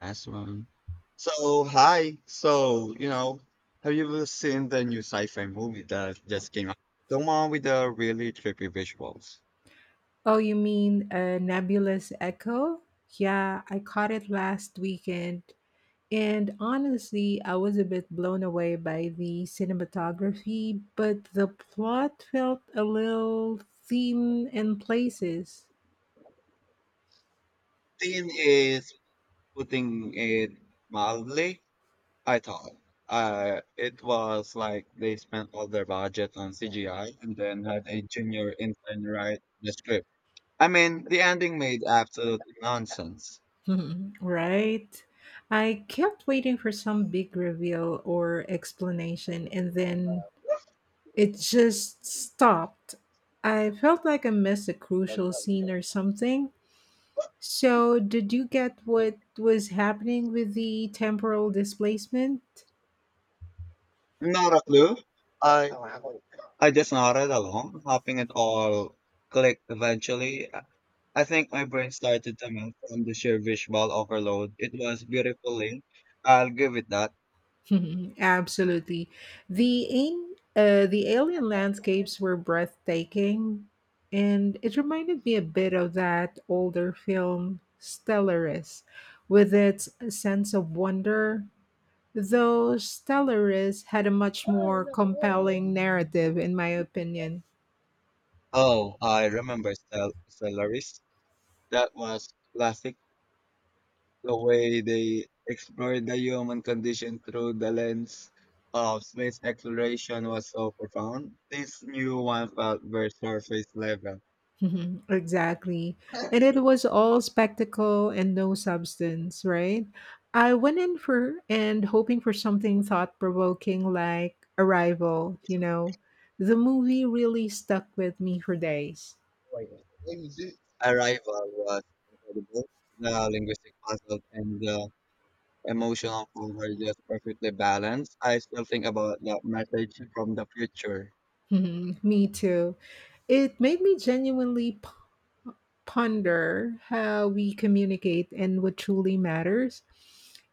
Last one. So, hi. Have you ever seen the new sci-fi movie that just came out? The one with the really trippy visuals. Oh, you mean a nebulous echo? Yeah, I caught it last weekend. And honestly, I was a bit blown away by the cinematography, but the plot felt a little thin in places. Thing is, putting it mildly, I thought. It was like they spent all their budget on CGI and then had a junior intern write the script. I mean, the ending made absolute nonsense. Right? I kept waiting for some big reveal or explanation, and then it just stopped. I felt like I missed a crucial scene or something. So, did you get what was happening with the temporal displacement? Not a clue. I just nodded along, hoping it all clicked eventually. I think my brain started to melt from the sheer visual overload. It was beautifully. I'll give it that. Absolutely. The ain- the alien landscapes were breathtaking, and it reminded me a bit of that older film Stellaris, with its sense of wonder. Though Stellaris had a much more compelling narrative, in my opinion. Oh, I remember Stellaris. That was classic. The way they explored the human condition through the lens of space exploration was so profound. This new one felt very surface level. Mhm, exactly. And it was all spectacle and no substance, right? I went in for and hoping for something thought provoking like Arrival. The movie really stuck with me for days. Arrival was incredible. The linguistic puzzle and the emotional form were just perfectly balanced. I still think about that message from the future. Mhm, me too. It made me genuinely ponder how we communicate and what truly matters.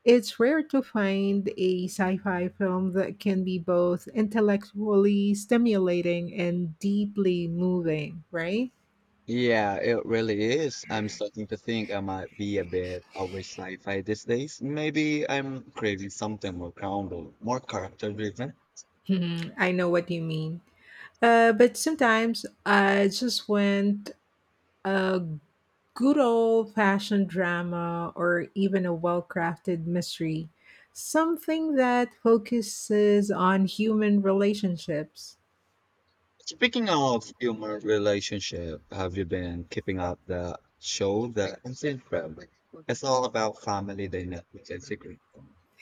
It's rare to find a sci fi film that can be both intellectually stimulating and deeply moving, right? Yeah, it really is. I'm starting to think I might be a bit over sci-fi these days. Maybe I'm craving something more grounded, more character-driven. Mhm, I know what you mean. But sometimes I just want a good old fashioned drama or even a well crafted mystery, something that focuses on human relationships. Speaking of human relationship, have you been keeping up the show that I'm seeing from? It's all about family dynamics and secret.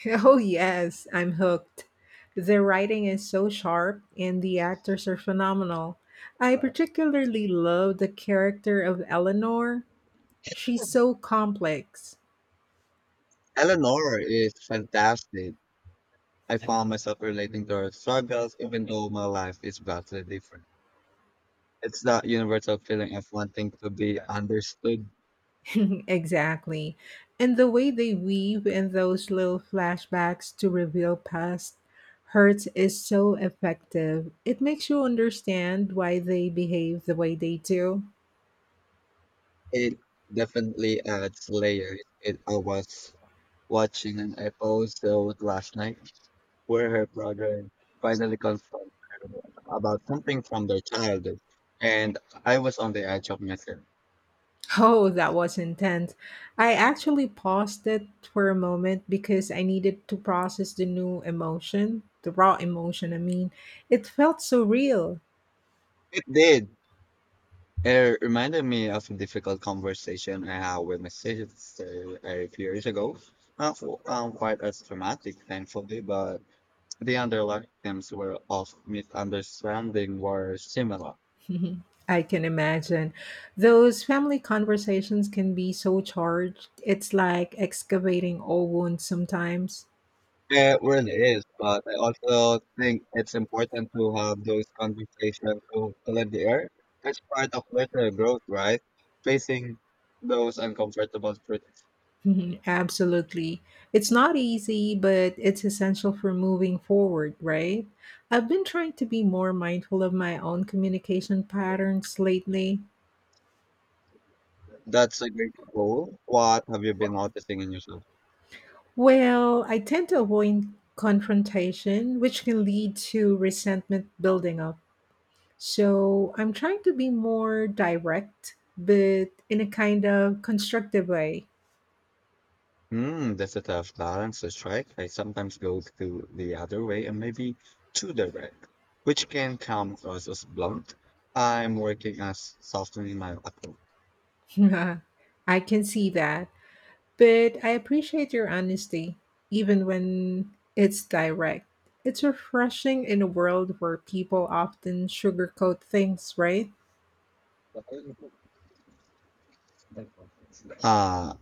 Oh, yes, I'm hooked. The writing is so sharp and the actors are phenomenal. I particularly love the character of Eleanor. She's so complex. Eleanor is fantastic. I found myself relating to her struggles, even though my life is vastly different. It's that universal feeling of wanting to be understood. Exactly. And the way they weave in those little flashbacks to reveal past hurts is so effective. It makes you understand why they behave the way they do. It definitely adds layers. I was watching an episode last night where her brother finally confronts her about something from their childhood, and I was on the edge of my seat. Oh, that was intense. I actually paused it for a moment because I needed to process the new emotion, the raw emotion. I mean, it felt so real. It did. It reminded me of a difficult conversation I had with my sister a few years ago. Not quite as dramatic, thankfully, but the underlying themes were of misunderstanding were similar. I can imagine. Those family conversations can be so charged. It's like excavating old wounds sometimes. It really is, but I also think it's important to have those conversations to clear the air. That's part of personal growth, right? Facing those uncomfortable truths. Mhm, absolutely. It's not easy, but it's essential for moving forward, right? I've been trying to be more mindful of my own communication patterns lately. That's a great goal. What have you been noticing in yourself? Well, I tend to avoid confrontation, which can lead to resentment building up. So I'm trying to be more direct, but in a kind of constructive way. Hmm, that's a tough balance to strike. I sometimes go to the other way and maybe too direct, which can come across as blunt. I'm working as softening my approach. I can see that. But I appreciate your honesty, even when it's direct. It's refreshing in a world where people often sugarcoat things, right? Uh,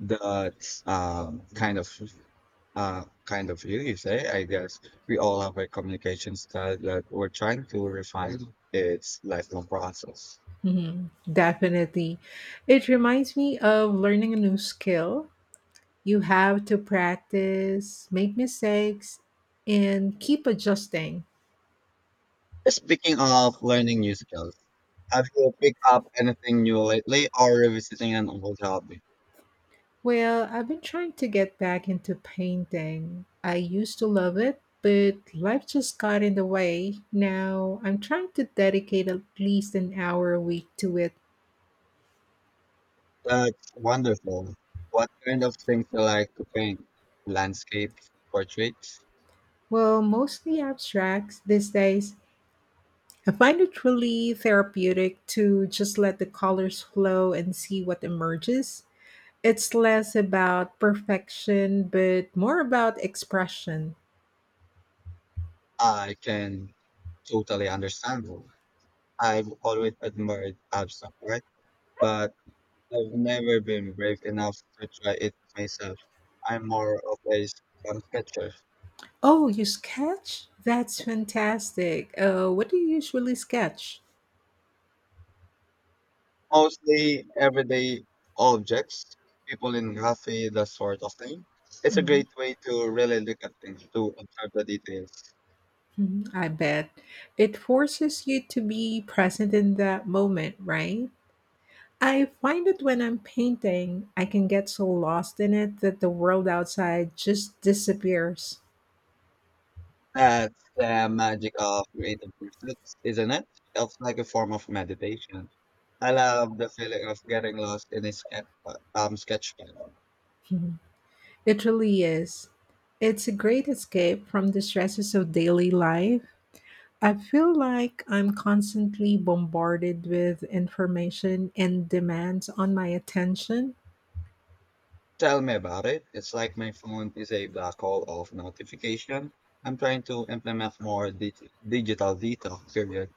that's kind of you, you say. I guess we all have a communication style that we're trying to refine. It's lifelong process. Mhm, definitely. It reminds me of learning a new skill. You have to practice, make mistakes, and keep adjusting. Speaking of learning new skills, have you picked up anything new lately or revisiting an old hobby? Well, I've been trying to get back into painting. I used to love it, but life just got in the way. Now I'm trying to dedicate at least an hour a week to it. That's wonderful. What kind of things you like to paint? Landscape, portraits? Well, mostly abstracts these days. I find it really therapeutic to just let the colors flow and see what emerges. It's less about perfection, but more about expression. I can totally understand. I've always admired abstract art, but I've never been brave enough to try it myself. I'm more of a sketcher. Oh, you sketch? That's fantastic. What do you usually sketch? Mostly everyday objects, people in graffiti, that sort of thing. It's a Mhm, great way to really look at things, to observe the details. mhm, I bet. It forces you to be present in that moment, right? I find that when I'm painting, I can get so lost in it that the world outside just disappears. That's the magic of creative pursuits, isn't it? Feels like a form of meditation. I love the feeling of getting lost in a sketch pad. Mhm. It really is. It's a great escape from the stresses of daily life. I feel like I'm constantly bombarded with information and demands on my attention. Tell me about it. It's like my phone is a black hole of notification. I'm trying to implement more digital detox period.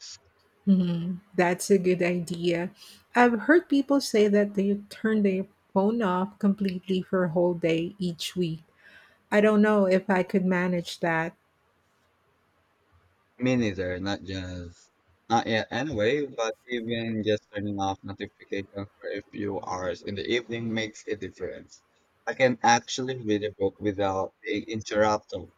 Mhm. That's a good idea. I've heard people say that they turn their phone off completely for a whole day each week. I don't know if I could manage that. Me neither, not yet anyway, but even just turning off notifications for a few hours in the evening makes a difference. I can actually read a book without being interrupted.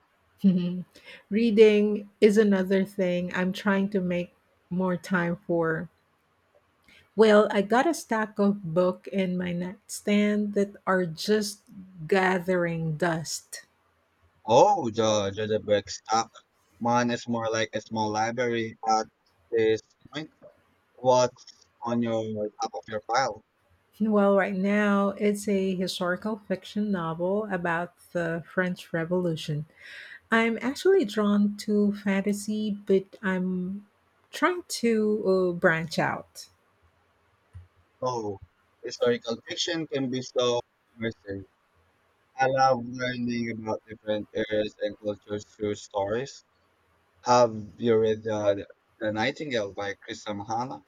Mhm. Reading is another thing I'm trying to make more time for. Well, I got a stack of book in my nightstand that are just gathering dust. Oh, the book stop. Mine is more like a small library at this point. What's on your top of your pile? Well, right now it's a historical fiction novel about the French Revolution. I'm actually drawn to fantasy, but I'm trying to branch out. So historical fiction can be so immersive. I love learning about different eras and cultures through stories. Have you read the Nightingale by Krista Mahana?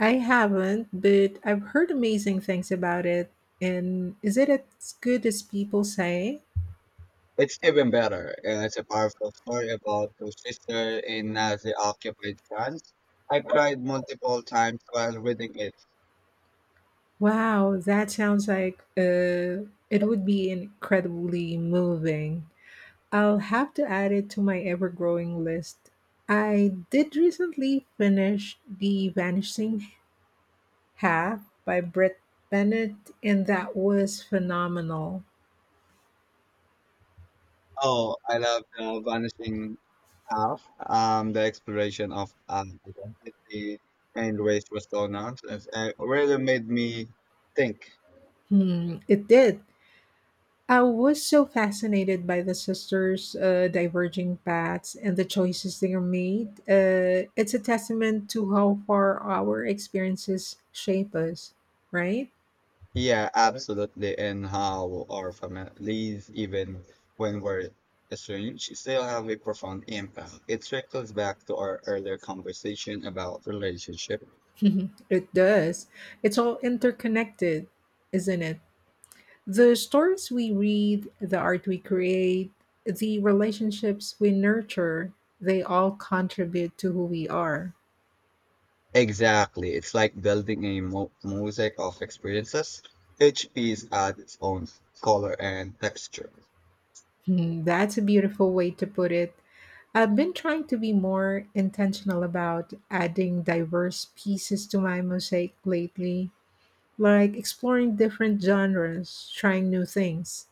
I haven't, but I've heard amazing things about it. And is it as good as people say? It's even better, and it's a powerful story about two sisters in Nazi-occupied France. I cried multiple times while reading it. Wow, that sounds like it would be incredibly moving. I'll have to add it to my ever growing list. I did recently finish The Vanishing Half by Britt Bennett, and that was phenomenal. Oh, I love the vanishing half. The exploration of identity and race was so nonsense. It really made me think. Hmm, it did. I was so fascinated by the sisters' diverging paths and the choices they made. It's a testament to how far our experiences shape us, right? Yeah, absolutely. And how our families, even when we're estranged, still have a profound impact. It circles back to our earlier conversation about relationship. It does. It's all interconnected, isn't it? The stories we read, the art we create, the relationships we nurture, they all contribute to who we are. Exactly. It's like building a mo mosaic of experiences. Each piece adds its own color and texture. Hmm, that's a beautiful way to put it. I've been trying to be more intentional about adding diverse pieces to my mosaic lately, like exploring different genres, trying new things.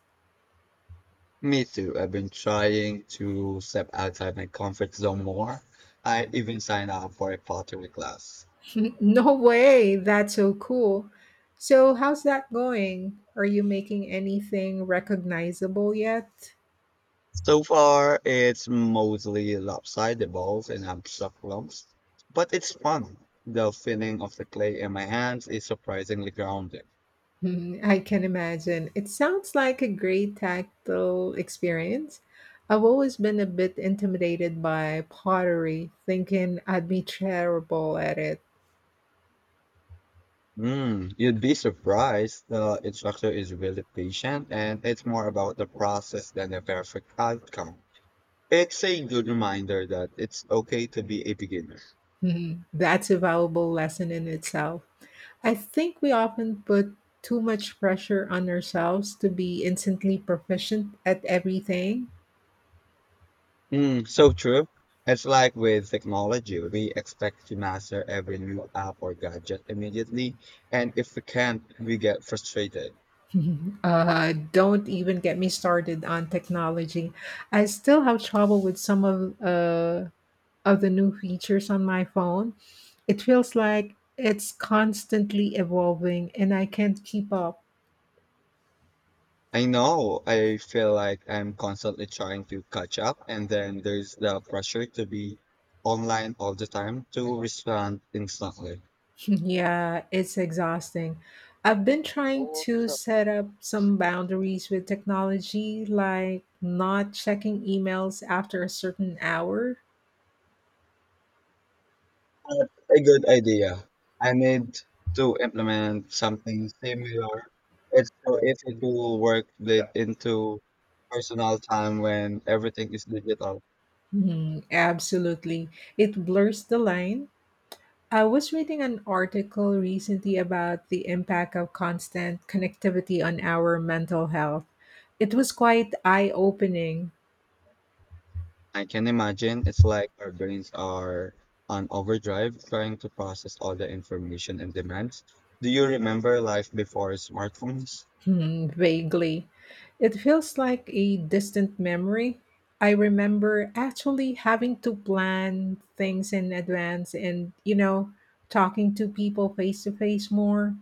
Me too. I've been trying to step outside my comfort zone more. I even signed up for a pottery class. No way, that's so cool. So, how's that going? Are you making anything recognizable yet? So far, it's mostly lopsided balls and abstract lumps, but it's fun. The feeling of the clay in my hands is surprisingly grounded. Mhm, I can imagine. It sounds like a great tactile experience. I've always been a bit intimidated by pottery, thinking I'd be terrible at it. Mm, you'd be surprised. The instructor is really patient, and it's more about the process than the perfect outcome. It's a good reminder that it's okay to be a beginner. Mhm, that's a valuable lesson in itself. I think we often put too much pressure on ourselves to be instantly proficient at everything. Mm, so true. It's like with technology, we expect to master every new app or gadget immediately, and if we can't, we get frustrated. Don't even get me started on technology. I still have trouble with some of the new features on my phone. It feels like it's constantly evolving and I can't keep up. I know I feel like I'm constantly trying to catch up, and then there's the pressure to be online all the time to respond instantly. Yeah, it's exhausting. I've been trying to set up some boundaries with technology, like not checking emails after a certain hour. That's a good idea. I need to implement something similar. It's so easy to work it into personal time when everything is digital. Mhm, absolutely. It blurs the line. I was reading an article recently about the impact of constant connectivity on our mental health. It was quite eye opening. I can imagine it's like our brains are on overdrive trying to process all the information and demands. Do you remember life before smartphones? Vaguely. It feels like a distant memory. I remember actually having to plan things in advance and, talking to people face to face more.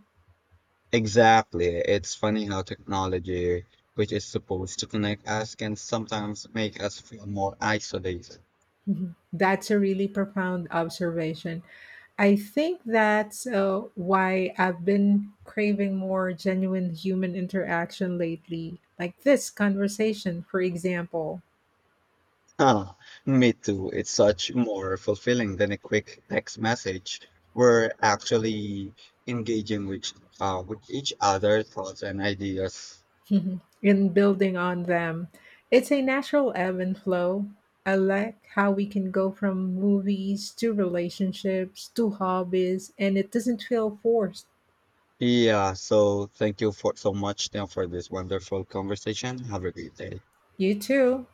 Exactly. It's funny how technology, which is supposed to connect us, can sometimes make us feel more isolated. Mhm. That's a really profound observation. I think that's why I've been craving more genuine human interaction lately, like this conversation, for example. Ah, me too. It's such more fulfilling than a quick text message. We're actually engaging with each other thoughts and ideas. Mhm. In building on them. It's a natural ebb and flow. I like how we can go from movies to relationships to hobbies, and it doesn't feel forced. Yeah, so thank you for so much now for this wonderful conversation. Have a great day. You too.